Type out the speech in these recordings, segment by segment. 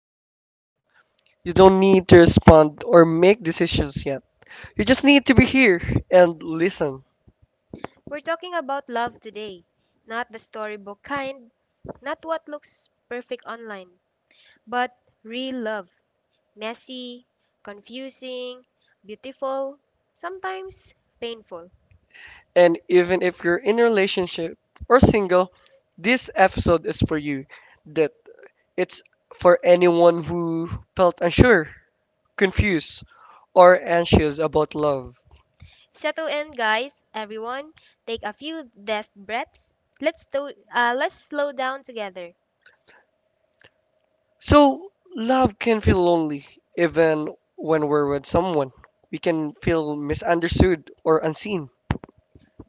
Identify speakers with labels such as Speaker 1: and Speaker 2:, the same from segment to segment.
Speaker 1: is gentle. You don't need to respond or make decisions yet. You just need to be here and listen.
Speaker 2: We're talking about love today, not the storybook kind, not what looks perfect online, but real love. Messy, confusing, beautiful, sometimes painful.
Speaker 1: And even if you're in a relationship or single, this episode is for you. That it's for anyone who felt unsure, confused, or anxious about love.
Speaker 2: Settle in, guys. Everyone, take a few deep breaths. Let's slow down together.
Speaker 1: So love can feel lonely even when we're with someone. We can feel misunderstood or unseen.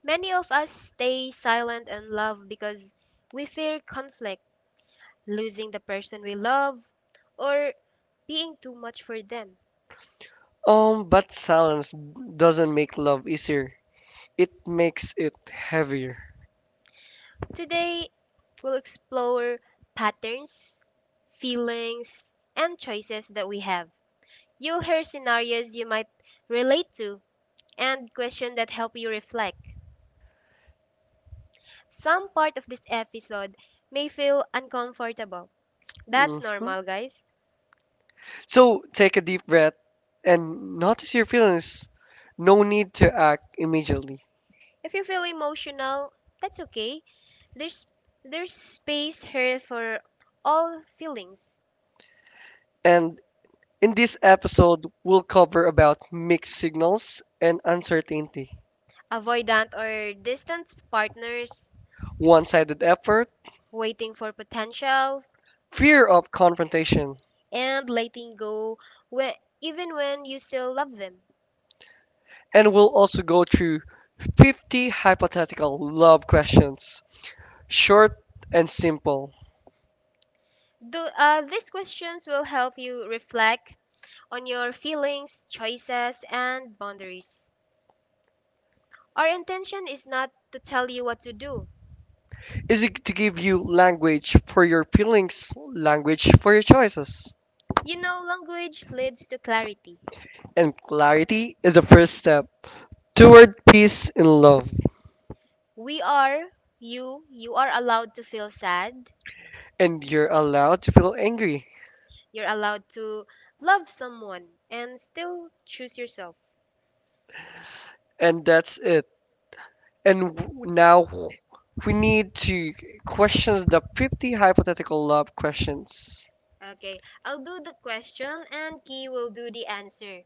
Speaker 2: Many of us stay silent in love because we fear conflict, losing the person we love, or being too much for them.
Speaker 1: But silence doesn't make love easier. It makes it heavier.
Speaker 2: Today, we'll explore patterns, feelings, and choices that we have. You'll hear scenarios you might relate to and questions that help you reflect. Some part of this episode may feel uncomfortable. That's
Speaker 1: hmm
Speaker 2: normal, guys.
Speaker 1: So take a deep breath and notice your feelings. No need to act immediately.
Speaker 2: If you feel emotional, that's okay. There's there's space here for all feelings.
Speaker 1: And in this episode, we'll cover about mixed signals and uncertainty,
Speaker 2: Avoidant or distant partners,
Speaker 1: one-sided effort,
Speaker 2: waiting for potential,
Speaker 1: fear of confrontation,
Speaker 2: and letting go when, even when you still love them.
Speaker 1: and we'll also go through 50 hypothetical love questions, short and simple.
Speaker 2: These questions will help you reflect on your feelings, choices, and boundaries. Our intention is not to tell you what to do.
Speaker 1: Is it to give you language for your feelings, language for your choices.
Speaker 2: You know, language leads to clarity.
Speaker 1: And clarity is the first step toward peace and love.
Speaker 2: We are you. You are allowed to feel sad.
Speaker 1: And you're allowed to feel angry.
Speaker 2: You're allowed to love someone and still choose yourself.
Speaker 1: And that's it. And now we need to question the 50 hypothetical love questions.
Speaker 2: Okay, I'll do the question and Key will do the answer.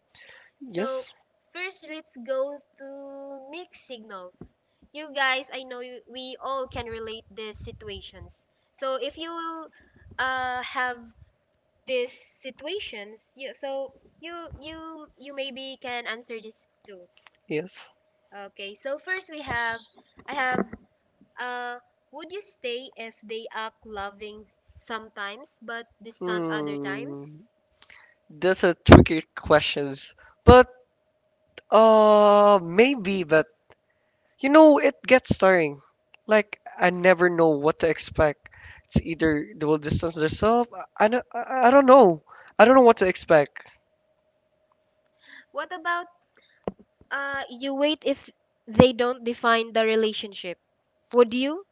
Speaker 2: So,
Speaker 1: Yes?
Speaker 2: first, let's go through mixed signals. You guys, I know you, we all can relate these situations. So, if you will have these situations you so you you maybe can answer this too.
Speaker 1: Yes.
Speaker 2: Okay, so first we have I have uh would you stay if they act loving sometimes but distant other
Speaker 1: Hmm.
Speaker 2: times?
Speaker 1: That's a tricky question. But maybe that. You know, it gets tiring. Like I never know what to expect. It's either they will distance themselves. I don't know. I don't know what to expect.
Speaker 2: What about you wait if they don't define the relationship, would you?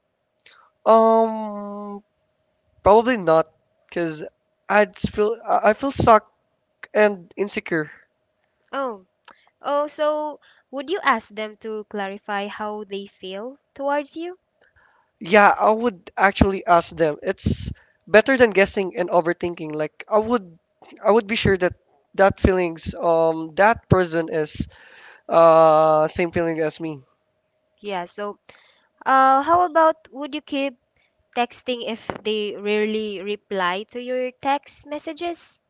Speaker 1: Um, probably not, cause I feel stuck and insecure.
Speaker 2: Oh oh so would you ask them to clarify how they feel towards you?
Speaker 1: Yeah, I would actually ask them. It's better than guessing and overthinking. Like I would be sure that that feelings that person is same feeling as me.
Speaker 2: Yeah, so how about would you keep texting if they rarely reply to your text messages?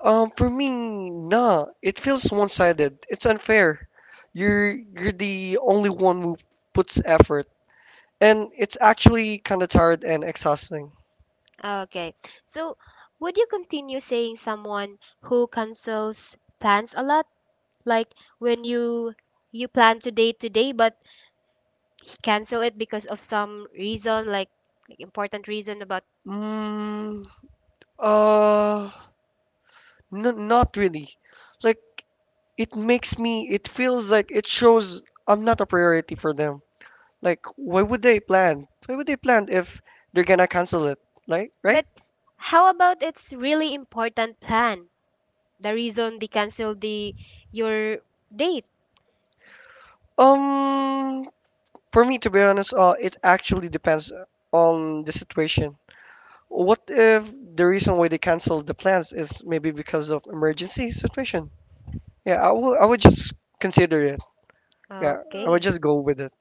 Speaker 1: For me, nah, it feels one-sided. It's unfair. You're the only one who puts effort, and it's actually kind of tired and exhausting.
Speaker 2: Okay. So, would you continue saying someone who cancels plans a lot? Like when you plan to date today but he cancel it because of some reason, like important reason about?
Speaker 1: Mm, uh, not really. Like it makes me. It feels like it shows I'm not a priority for them. Like why would they plan? Why would they plan if they're gonna cancel it? Like right?
Speaker 2: But how about it's really important plan? The reason they cancel the your date.
Speaker 1: Um, for me, to be honest, it actually depends on the situation. What if the reason why they canceled the plans is maybe because of emergency situation? Yeah, I would just consider it. Yeah, I would
Speaker 2: Okay.
Speaker 1: just go with it.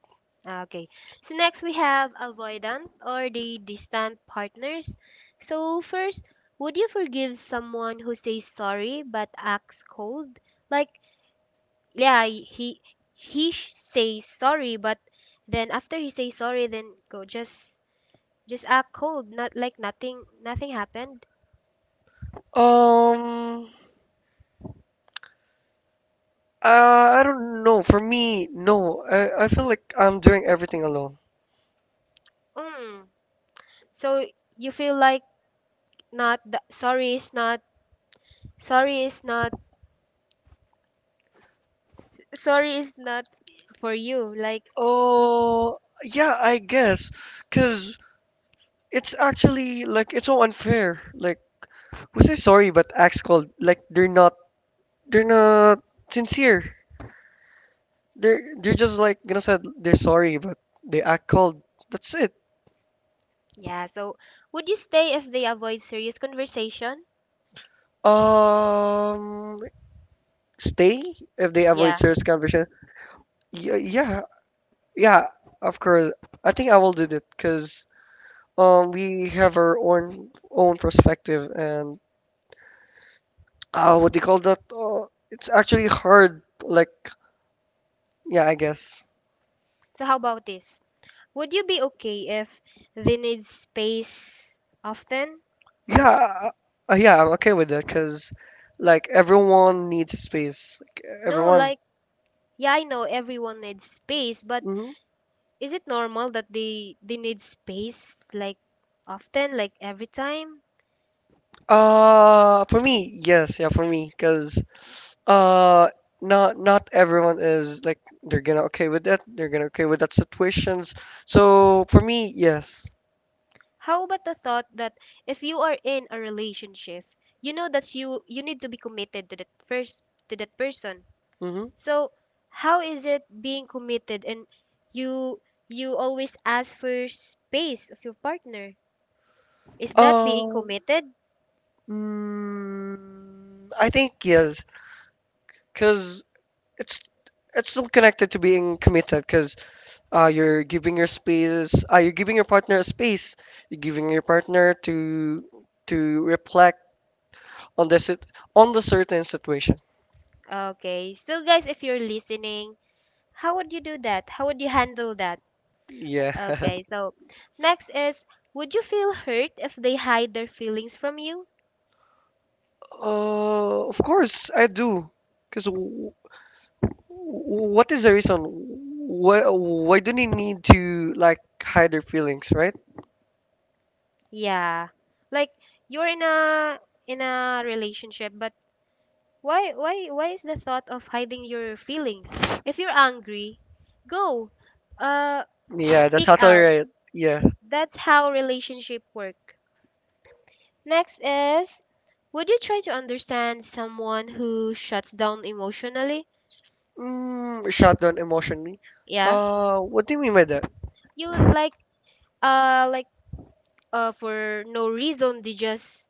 Speaker 2: Okay. So next we have avoidant or the distant partners. So first, would you forgive someone who says sorry but acts cold? Like, yeah, he says sorry, but then after he says sorry, then go just act cold, not like nothing happened.
Speaker 1: Um, uh, I don't know. For me, no. I feel like I'm doing everything alone.
Speaker 2: Mm. So you feel like not the, sorry is not sorry is not for you. Like
Speaker 1: Oh, yeah, I guess, cause it's actually like it's so unfair. Like we say sorry, but acts called like they're not sincere. They're just like gonna said they're sorry, but they act cold. That's it.
Speaker 2: Yeah. So would you stay if they avoid serious conversation?
Speaker 1: Um, stay if they avoid
Speaker 2: Yeah.
Speaker 1: serious conversation. Yeah, yeah, yeah. Of course, I think I will do that because we have our own perspective and what they call that. It's actually hard. Like yeah, I guess.
Speaker 2: So how about this? Would you be okay if they need space often?
Speaker 1: Yeah, yeah. I'm okay with that because like everyone needs space. Like,
Speaker 2: No,
Speaker 1: everyone.
Speaker 2: like yeah, I know everyone needs space, but
Speaker 1: Mhm.
Speaker 2: is it normal that they need space like often, like every time?
Speaker 1: For me, yes, yeah, for me, because uh, not everyone is like they're gonna okay with that. They're gonna okay with that situations. So for me, yes.
Speaker 2: How about the thought that if you are in a relationship, you know that you need to be committed to that first to that person?
Speaker 1: Mm-hmm.
Speaker 2: So how is it being committed and you you always ask for space of your partner? Is that being
Speaker 1: Uh,
Speaker 2: committed?
Speaker 1: I think yes, because it's it's still connected to being committed. Because you're giving your space. You're giving your partner a space. You're giving your partner to reflect on the certain situation.
Speaker 2: Okay. So guys, if you're listening, how would you do that? How would you handle that?
Speaker 1: Yeah.
Speaker 2: Okay. So next is would you feel hurt if they hide their feelings from you?
Speaker 1: Of course I do. Because what is the reason? Why do they need to like hide their feelings, right?
Speaker 2: Yeah. Like you're in a relationship but why is the thought of hiding your feelings? If you're angry, go. Uh
Speaker 1: Yeah, that's
Speaker 2: Speak
Speaker 1: totally
Speaker 2: out.
Speaker 1: right. Yeah.
Speaker 2: That's how relationship work. Next is would you try to understand someone who shuts down emotionally?
Speaker 1: Mm, shut down emotionally.
Speaker 2: Yeah.
Speaker 1: What do you mean by that?
Speaker 2: You like like for no reason they just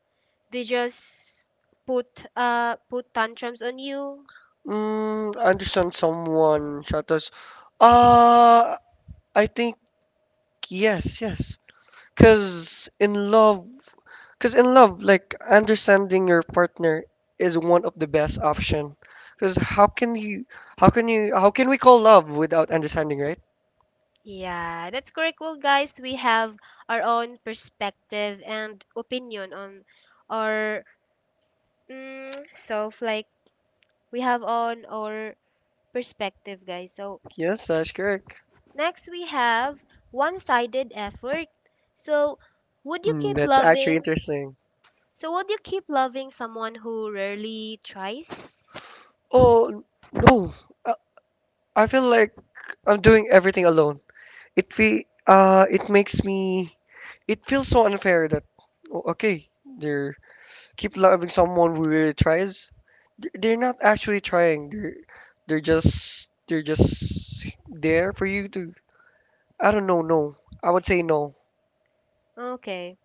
Speaker 2: they just put put tantrums on you.
Speaker 1: I understand someone shut us. Uh, I think yes, yes. Because in love. Because in love, like understanding your partner is one of the best option. Because how can we call love without understanding, right?
Speaker 2: Yeah, that's correct. Well, guys, we have our own perspective and opinion on our mm, self. Like, we have on our perspective, guys. So,
Speaker 1: Yes, that's correct.
Speaker 2: next we have one sided effort. So, would you keep
Speaker 1: That's actually
Speaker 2: loving?
Speaker 1: interesting.
Speaker 2: So, would you keep loving someone who rarely tries?
Speaker 1: Oh no, I I feel like I'm doing everything alone. It makes me, it feels so unfair that oh, okay, they keep loving someone who really tries, they're not actually trying. They're just there for you to. I don't know. No, I would say no.
Speaker 2: Okay.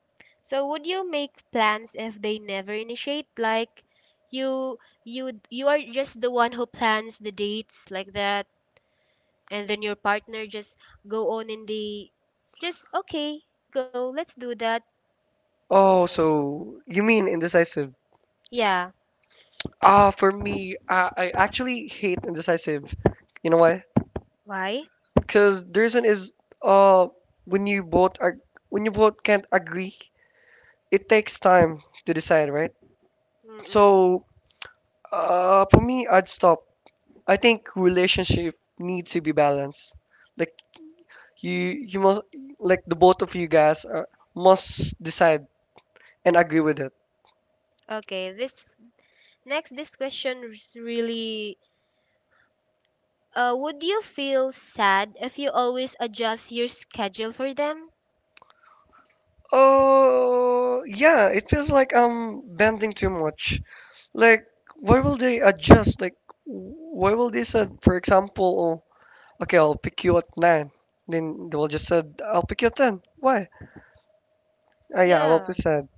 Speaker 2: So would you make plans if they never initiate? Like you you are just the one who plans the dates like that, and then your partner just go on in the just okay, go, let's do that.
Speaker 1: Oh, so you mean indecisive?
Speaker 2: Yeah.
Speaker 1: For me, I actually hate indecisive. You know why?
Speaker 2: Why?
Speaker 1: Because the reason is uh when you both are when you both can't agree, it takes time to decide, right?
Speaker 2: Mm-mm.
Speaker 1: So for me, I'd stop. I think relationship needs to be balanced. Like you must like the both of you guys are, must decide and agree with it.
Speaker 2: Okay, this next this question is really would you feel sad if you always adjust your schedule for them?
Speaker 1: Oh yeah, it feels like I'm bending too much. Like why will they adjust? Like why will they said for example, okay, I'll pick you at 9. Then they will just said I'll pick you at 10. Why? Yeah, I will
Speaker 2: Yeah.
Speaker 1: pick 10.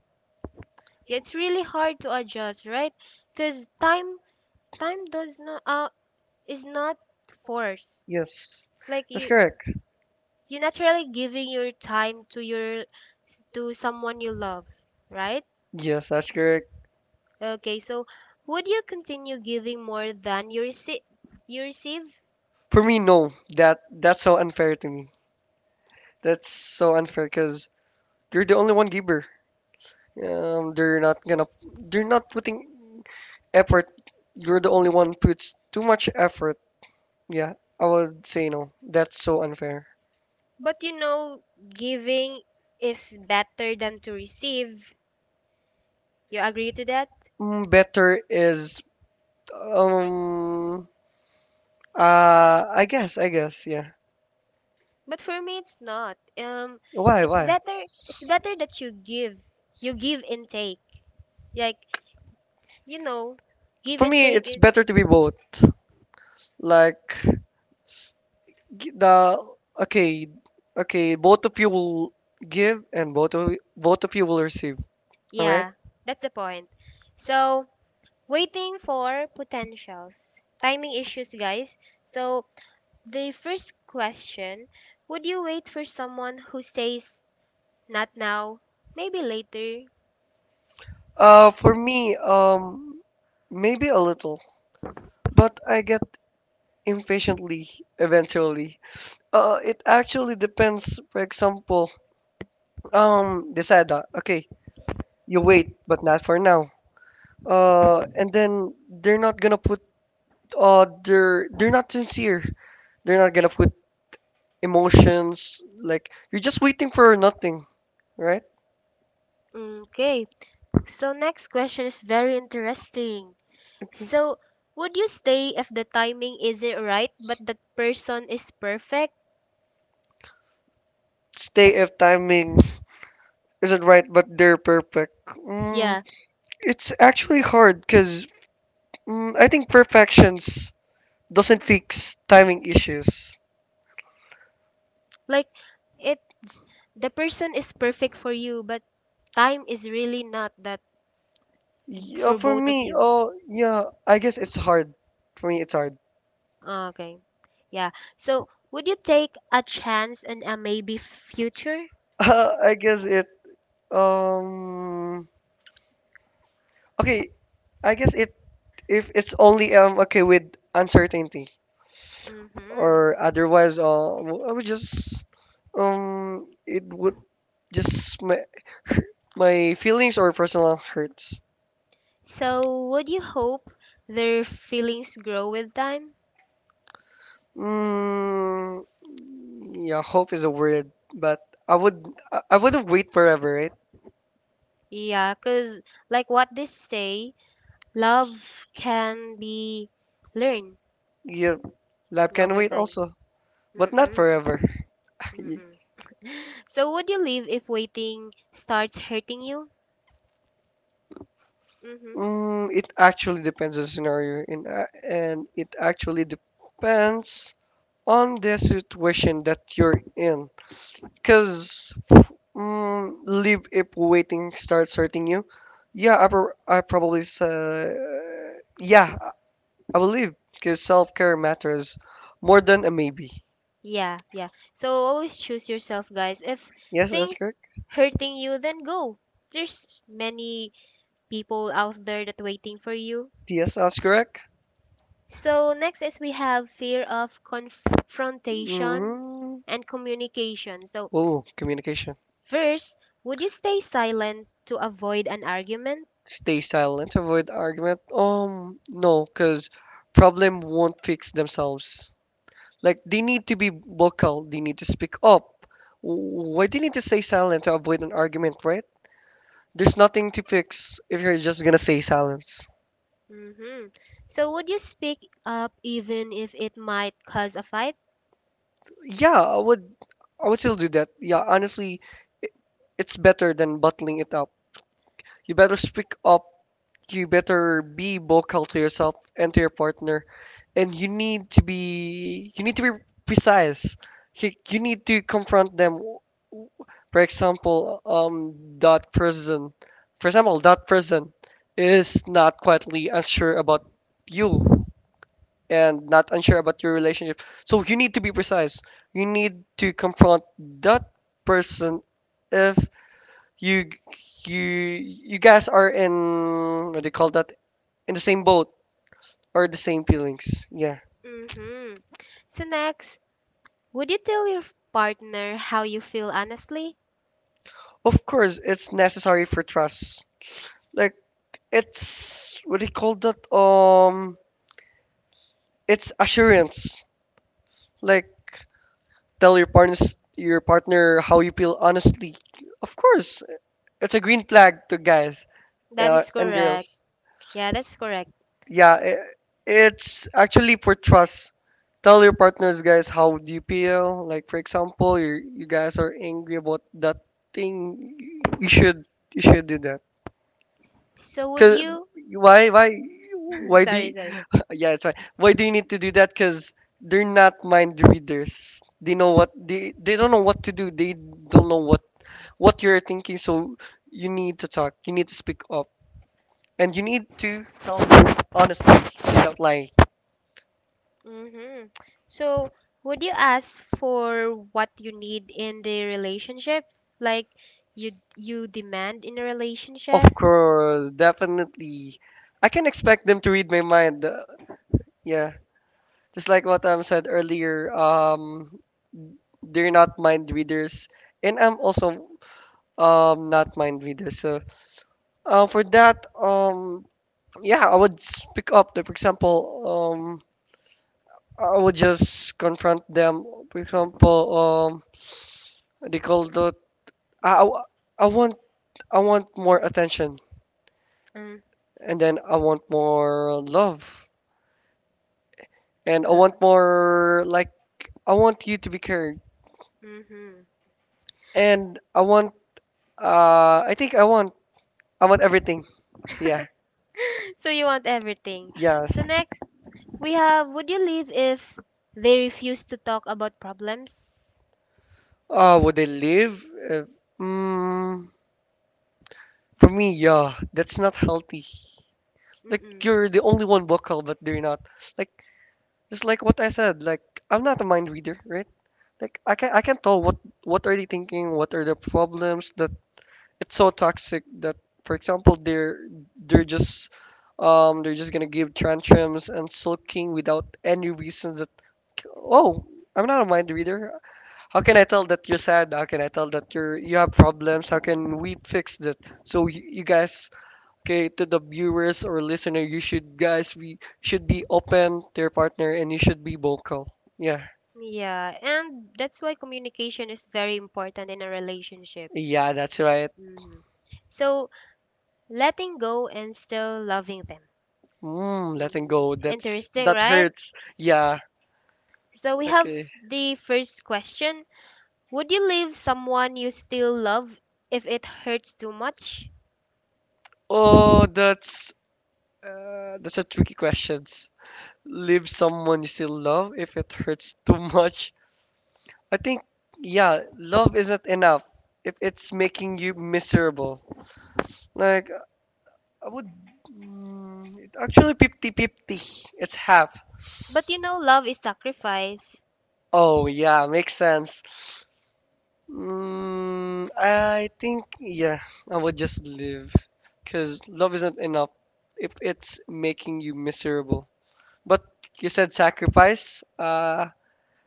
Speaker 2: Yeah, it's really hard to adjust, right? Cuz time does not is not forced.
Speaker 1: Yes,
Speaker 2: Like
Speaker 1: that's
Speaker 2: you
Speaker 1: correct.
Speaker 2: you naturally giving your time to your to someone you love, right?
Speaker 1: Yes, that's correct.
Speaker 2: Okay, so would you continue giving more than you receive?
Speaker 1: For me, no. That's so unfair to me. That's so unfair because you're the only one giver. Um, they're not gonna, they're not putting effort. You're the only one puts too much effort. Yeah, I would say no. That's so unfair.
Speaker 2: But you know, giving is better than to receive. You agree to that?
Speaker 1: Better is, um, I guess, yeah.
Speaker 2: But for me it's not.
Speaker 1: Why,
Speaker 2: It's
Speaker 1: why?
Speaker 2: better it's better that you give. You give and take. Like, you know, give
Speaker 1: For
Speaker 2: and
Speaker 1: me,
Speaker 2: take
Speaker 1: it's
Speaker 2: it's
Speaker 1: better
Speaker 2: is
Speaker 1: to be both. Like g- the okay, okay, both of you will give and both of you will receive. All right.
Speaker 2: Yeah, that's the point. So, waiting for potentials. Timing issues, guys. So, the first question would you wait for someone who says, not now, maybe later?
Speaker 1: For me, maybe a little, but I get impatiently eventually. It actually depends. For example, Desada. Okay, you wait, but not for now. And then they're not sincere. They're not gonna put emotions. Like you're just waiting for nothing, right?
Speaker 2: Okay, so next question is very interesting.
Speaker 1: Okay.
Speaker 2: So, would you stay if the timing isn't right, but that person is perfect?
Speaker 1: Stay if timing isn't right, but they're perfect. Mm,
Speaker 2: Yeah,
Speaker 1: it's actually hard because I think perfections doesn't fix timing issues.
Speaker 2: like it's the person is perfect for you, but time is really not that
Speaker 1: Yeah,
Speaker 2: for
Speaker 1: for
Speaker 2: both of
Speaker 1: me,
Speaker 2: you?
Speaker 1: oh yeah, I guess it's hard. For me, it's hard.
Speaker 2: Okay. Yeah. So, would you take a chance on a maybe future?
Speaker 1: I guess it. Um. Okay, I guess it. If it's only okay with uncertainty or
Speaker 2: Mm-hmm.
Speaker 1: otherwise, I would just it would just my feelings or personal hurts.
Speaker 2: So, would you hope their feelings grow with time?
Speaker 1: Mm, yeah, hope is a word, but I wouldn't wait forever, right?
Speaker 2: Yeah, because, like what they say, love can be learned
Speaker 1: Yeah, life can
Speaker 2: over
Speaker 1: wait
Speaker 2: time.
Speaker 1: also. But not
Speaker 2: Mm-mm.
Speaker 1: forever.
Speaker 2: Mm-mm. So, would you leave if waiting starts hurting you? Mm-hmm.
Speaker 1: It actually depends on the scenario, and it actually depends on the situation that you're in. Because leave if waiting starts hurting you. Yeah, I probably say, yeah, I will leave because self care matters more than a maybe.
Speaker 2: Yeah, yeah. So always choose yourself, guys. If
Speaker 1: Yes, that's
Speaker 2: things
Speaker 1: correct.
Speaker 2: hurting you, then go. There's many people out there that waiting for you.
Speaker 1: Yes, that's correct.
Speaker 2: So next is we have fear of confrontation
Speaker 1: hmm
Speaker 2: and communication. So
Speaker 1: Oh, communication.
Speaker 2: first, would you stay silent to avoid an argument?
Speaker 1: Stay silent, avoid argument. No, because problem won't fix themselves. Like they need to be vocal, they need to speak up. Why do you need to stay silent to avoid an argument, right? There's nothing to fix if you're just gonna say silence.
Speaker 2: Mm-hmm. So would you speak up even if it might cause a fight?
Speaker 1: Yeah, I would still do that. Yeah, honestly, i- it's better than bottling it up. You better speak up. You better be vocal to yourself and to your partner, and you need to be precise. You need to confront them. For example, that person is not quietly unsure about you and not unsure about your relationship, so you need to be precise. You need to confront that person if you you guys are in, what do you call that, in the same boat or the same feelings. Yeah.
Speaker 2: Mm-hmm. So next, would you tell your partner how you feel honestly?
Speaker 1: Of course, it's necessary for trust. Like it's what do you call that? It's assurance. Like tell your partner how you feel honestly. Of course, it's a green flag to guys
Speaker 2: That is
Speaker 1: and
Speaker 2: correct.
Speaker 1: girls.
Speaker 2: Yeah, that's correct.
Speaker 1: Yeah, it's actually for trust. Tell your partners, guys, how do you feel? Like for example, you guys are angry about that thing. You should you should do that.
Speaker 2: So would
Speaker 1: Cause
Speaker 2: you
Speaker 1: why why why do you,
Speaker 2: sorry.
Speaker 1: yeah it's fine. Why do you need to do that? Cause they're not mind readers. They don't know what to do. They don't know what you're thinking. So you need to talk. You need to speak up, and you need to tell them honestly without lying.
Speaker 2: Mm-hmm. So would you ask for what you need in the relationship? Like you demand in a
Speaker 1: Of
Speaker 2: relationship?
Speaker 1: course, definitely. I can expect them to read my mind. Yeah, just like what I said earlier. They're not mind readers, and I'm also not mind readers. So for that, yeah, I would pick up the, for example, um, I would just confront them. For example, they call the I, I I want I want more attention,
Speaker 2: Mm.
Speaker 1: and then I want more love, and I want more like I want you to be cared,
Speaker 2: Mm-hmm.
Speaker 1: and I want I think I want everything. Yeah,
Speaker 2: So you want everything. So
Speaker 1: yes.
Speaker 2: next we have would you leave if they refuse to talk about problems?
Speaker 1: Would they leave? Uh, mm, for me, yeah, that's not healthy. Like you're
Speaker 2: Mm-mm.
Speaker 1: the only one vocal, but they're not. Like just like what I said. Like I'm not a mind reader, right? Like I can tell what are they thinking, what are the problems that it's so toxic that, for example, they're just they're just gonna give tantrums and sulking without any reasons that oh I'm not a mind reader. How can I tell that you're sad? How can I tell that you have problems? How can we fix that? So you guys okay, to the viewers or listener, you should guys we should be open to your partner, and you should be vocal. Yeah.
Speaker 2: Yeah, and that's why communication is very important in a relationship.
Speaker 1: Yeah, that's right.
Speaker 2: Hmm. So letting go and still loving them.
Speaker 1: Mm, letting go,
Speaker 2: Mm,
Speaker 1: that's
Speaker 2: interesting,
Speaker 1: that
Speaker 2: right?
Speaker 1: hurts. Yeah.
Speaker 2: So we have
Speaker 1: Okay.
Speaker 2: the first question. Would you leave someone you still love if it hurts too much?
Speaker 1: oh that's that's a tricky questions. Leave someone you still love if it hurts too much. I think, yeah, love isn't enough if it's making you miserable. Like I would, mm, actually 50/50. It's half.
Speaker 2: But you know love is sacrifice.
Speaker 1: Oh, yeah, makes sense. Mm, I think, yeah, I would just live. Because love isn't enough if it's making you miserable. But you said sacrifice?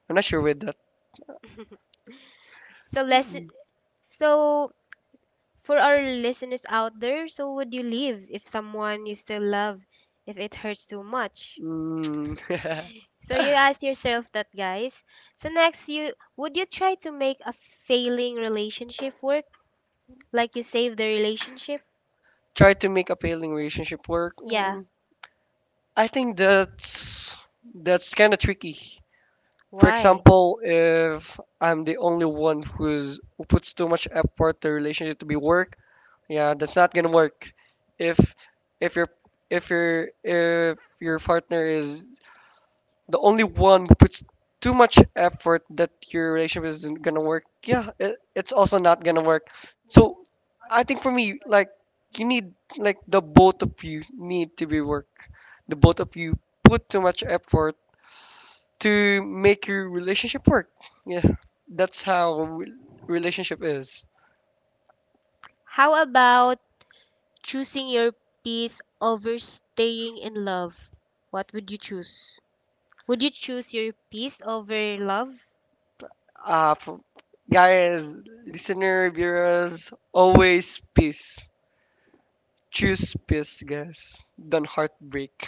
Speaker 1: I'm not sure with that.
Speaker 2: So less so for our listeners out there, so would you leave if someone you still love if it hurts too much?
Speaker 1: Mm,
Speaker 2: So you ask yourself that guys. So next you would you try to make a failing relationship work? Like you save the relationship?
Speaker 1: try to make a failing relationship work.
Speaker 2: Yeah.
Speaker 1: Mm, I think that's kind of tricky. For
Speaker 2: Why?
Speaker 1: example, if I'm the only one who puts too much effort to relationship to be work, yeah, that's not gonna work. If if your if your partner is the only one who puts too much effort that your relationship isn't gonna work, yeah, it's also not gonna work. So I think for me, like you need, like the both of you need to be work. The both of you put too much effort to make your relationship work. Yeah, that's how relationship is.
Speaker 2: How about choosing your peace over staying in love? What would you choose? Would you choose your peace over love?
Speaker 1: Uh, f- guys, listener, viewers, always peace. Choose peace, guys. Don't heartbreak.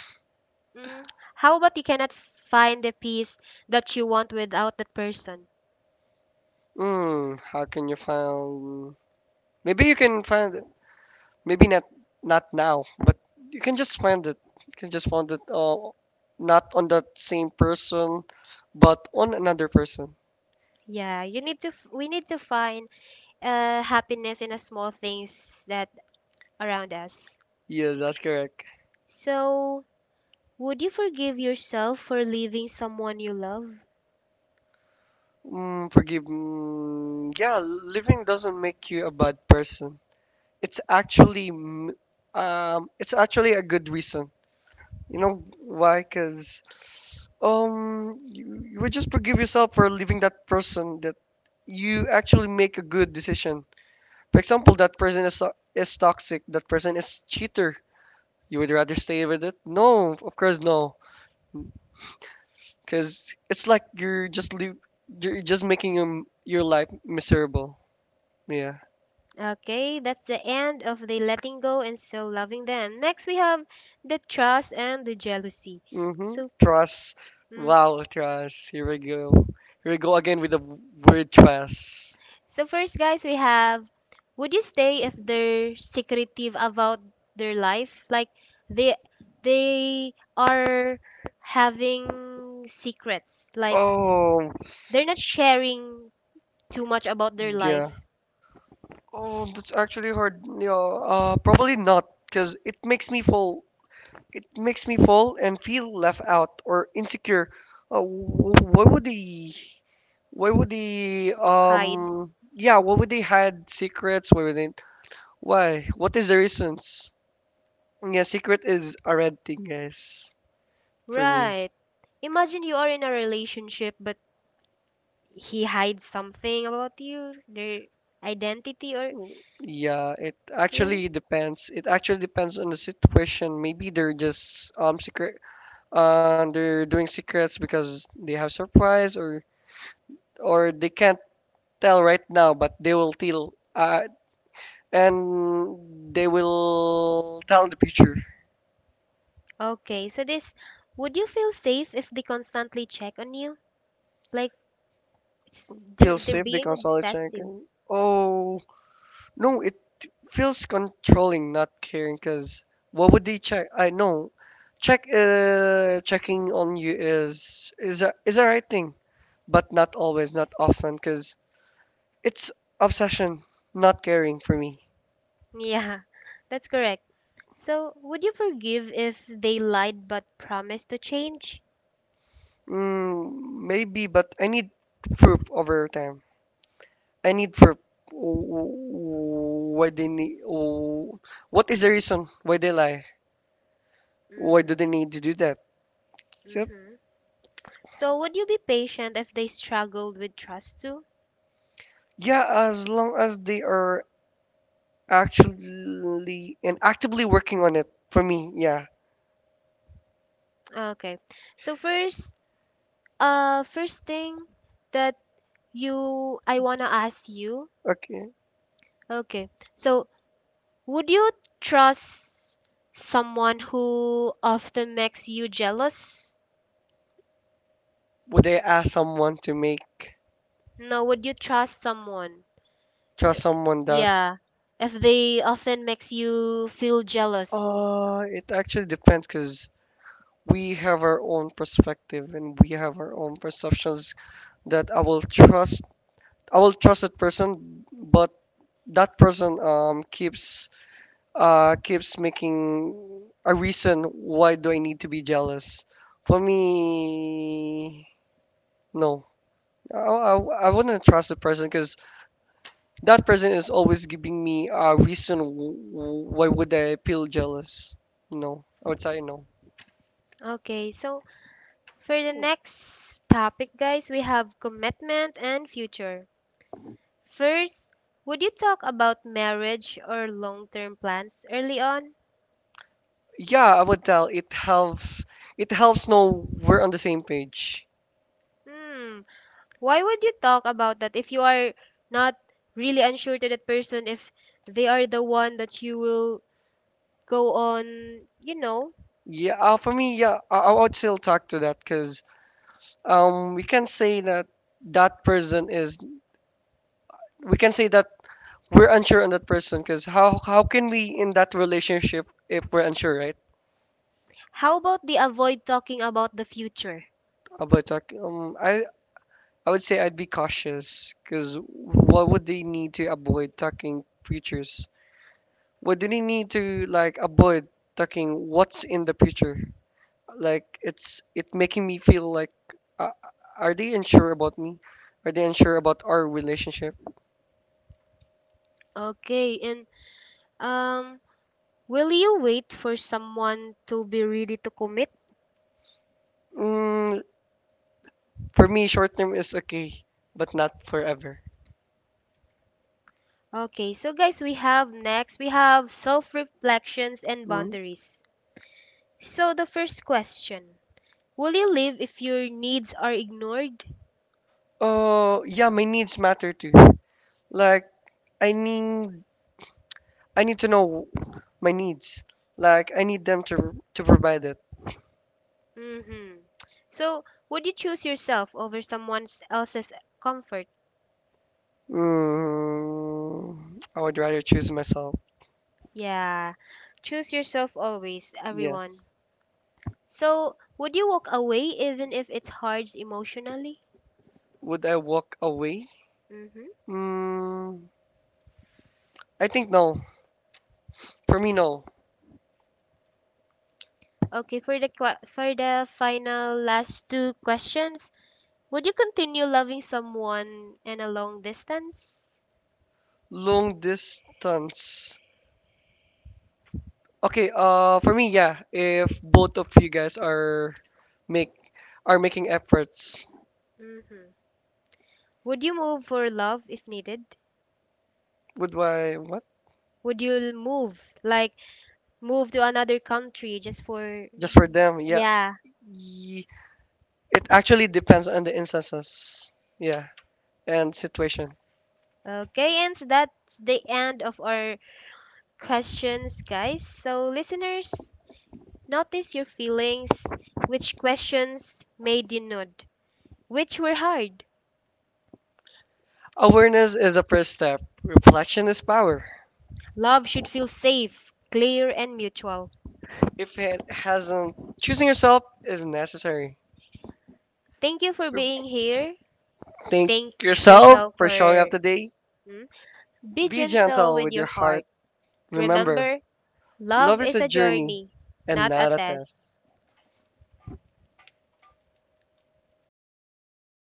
Speaker 2: Mm, how about you cannot find the peace that you want without that person?
Speaker 1: Mm, how can you find? Maybe you can Maybe not not now, but you can just find it. You can just find it. Not on that same person, but on another person.
Speaker 2: Yeah, you need to f- we need to find happiness in the small things that around us.
Speaker 1: Yes, that's correct.
Speaker 2: So, would you forgive yourself for leaving someone you love?
Speaker 1: Mm, forgive. Mm, yeah, living doesn't make you a bad person. it's actually m- it's actually a good reason. You know why? Because um you, you would just forgive yourself for leaving that person that you actually make a good decision. For example, that person is toxic. That person is cheater. You would rather stay with it? No, of course no. Because it's like you're just leave, you're just your life miserable. Yeah.
Speaker 2: Okay, that's the end of the letting go and so loving them. Next, we have the trust and the jealousy.
Speaker 1: Mm-hmm.
Speaker 2: So,
Speaker 1: Trust.
Speaker 2: mm,
Speaker 1: Wow, trust. Here we go. Here we go again with the word trust.
Speaker 2: so first, guys, we have would you stay if they're secretive about their life? Like they they are having secrets. Like
Speaker 1: Oh,
Speaker 2: they're not sharing too much about their
Speaker 1: yeah.
Speaker 2: life.
Speaker 1: Oh, that's actually hard. Yeah, probably not, because it makes me fall. It makes me fall and feel left out or insecure. Why would they? Why would they?
Speaker 2: Hide.
Speaker 1: Yeah, why would they hide secrets? Why would they? Why? What is the reasons? Yeah, secret is a red thing, guys, for me.
Speaker 2: Right. Imagine you are in a relationship, but he hides something about you, their identity, or
Speaker 1: Mm, yeah, it
Speaker 2: really?
Speaker 1: actually depends. It actually depends on the situation. Maybe they're just secret they're doing secrets because they have surprise, or they can't tell right now, but they will tell in the future.
Speaker 2: Okay, so this would you feel safe if they constantly check on you? Like it's,
Speaker 1: Feel
Speaker 2: they're
Speaker 1: safe, they
Speaker 2: being
Speaker 1: constantly check
Speaker 2: obsessive.
Speaker 1: and oh no, it feels controlling not caring because what would they check? I know check checking on you is a right thing, but not always, not often, because it's obsession, not caring for me.
Speaker 2: Yeah, that's correct. So would you forgive if they lied but promised to change?
Speaker 1: Mm, maybe, but I need proof over time. I need proof. Why they need? What is the reason why they lie? Why do they need to do that? Yep.
Speaker 2: Mm-hmm. So would you be patient if they struggled with trust too?
Speaker 1: Yeah, as long as they are actually and actively working on it. For me, yeah.
Speaker 2: Okay. So first, first thing that you I wanna ask you.
Speaker 1: Okay.
Speaker 2: Okay. So, would you trust someone who often makes you jealous?
Speaker 1: Would I ask someone to make
Speaker 2: No, would you trust someone? Uh,
Speaker 1: trust someone that?
Speaker 2: Yeah. If they often makes you feel jealous.
Speaker 1: It actually depends, cause we have our own perspective and we have our own perceptions that I will trust that person, but that person keeps making a reason why do I need to be jealous. For me, no. I wouldn't trust the person because that person is always giving me a reason why would I feel jealous. No, I would say no.
Speaker 2: Okay. So, for the next topic, guys, we have commitment and future. First, would you talk about marriage or long-term plans early on?
Speaker 1: Yeah, I would tell it helps. It helps know we're on the same page.
Speaker 2: Hmm. Why would you talk about that if you are not really unsure to that person if they are the one that you will go on, you know?
Speaker 1: Yeah, for me, yeah, I would still talk to that because we can say that that person is. We can say that we're unsure on that person because how can we in that relationship if we're unsure, right?
Speaker 2: How about the avoid talking about the future?
Speaker 1: About talking, I would say I'd be cautious because what would they need to avoid talking futures? What do they need to like avoid talking? What's in the future? Like it's it making me feel like uh, are they unsure about me, are they unsure about our relationship?
Speaker 2: Okay, and um will you wait for someone to be ready to commit?
Speaker 1: Mm, for me short term is okay, but not forever.
Speaker 2: Okay, so guys, we have next, we have self-reflections and
Speaker 1: Mm.
Speaker 2: boundaries. So the first question, will you live if your needs are ignored?
Speaker 1: Oh yeah, my needs matter too. Like i need I need to know my needs. Like I need them to provide it.
Speaker 2: Mm-hmm. So, would you choose yourself over someone else's comfort?
Speaker 1: Mm, I would rather choose myself.
Speaker 2: Yeah, choose yourself always, everyone.
Speaker 1: Yes.
Speaker 2: So, would you walk away even if it's hard emotionally?
Speaker 1: Would I walk away?
Speaker 2: Mm-hmm.
Speaker 1: Mm, I think no. For me no.
Speaker 2: Okay, for the final last two questions, would you continue loving someone in a long distance?
Speaker 1: Long distance. Okay, for me, yeah, if both of you guys are make are making efforts,
Speaker 2: Mm-hmm. Would you move for love if needed?
Speaker 1: would why what?
Speaker 2: Would you move, like move to another country just for?
Speaker 1: Just for them, yeah.
Speaker 2: Yeah.
Speaker 1: Ye- it actually depends on the instances. Yeah, and situation.
Speaker 2: Okay, and so that's the end of our questions, guys. So, listeners, notice your feelings. Which questions made you nod? Which were hard?
Speaker 1: Awareness is the first step. Reflection is power.
Speaker 2: Love should feel safe, clear, and mutual.
Speaker 1: If it hasn't, choosing yourself is necessary.
Speaker 2: Thank you for
Speaker 1: Re-
Speaker 2: being here.
Speaker 1: Thank
Speaker 2: Thank
Speaker 1: yourself
Speaker 2: yourself for.
Speaker 1: for showing up
Speaker 2: Up.
Speaker 1: today.
Speaker 2: Hmm? Be
Speaker 1: Be
Speaker 2: gentle
Speaker 1: gentle
Speaker 2: with
Speaker 1: with
Speaker 2: your
Speaker 1: your
Speaker 2: heart.
Speaker 1: heart. Remember, love
Speaker 2: Remember,
Speaker 1: is
Speaker 2: love
Speaker 1: a
Speaker 2: a
Speaker 1: journey
Speaker 2: journey,
Speaker 1: and
Speaker 2: not a
Speaker 1: not
Speaker 2: not
Speaker 1: a
Speaker 2: test.
Speaker 1: test.
Speaker 2: Test.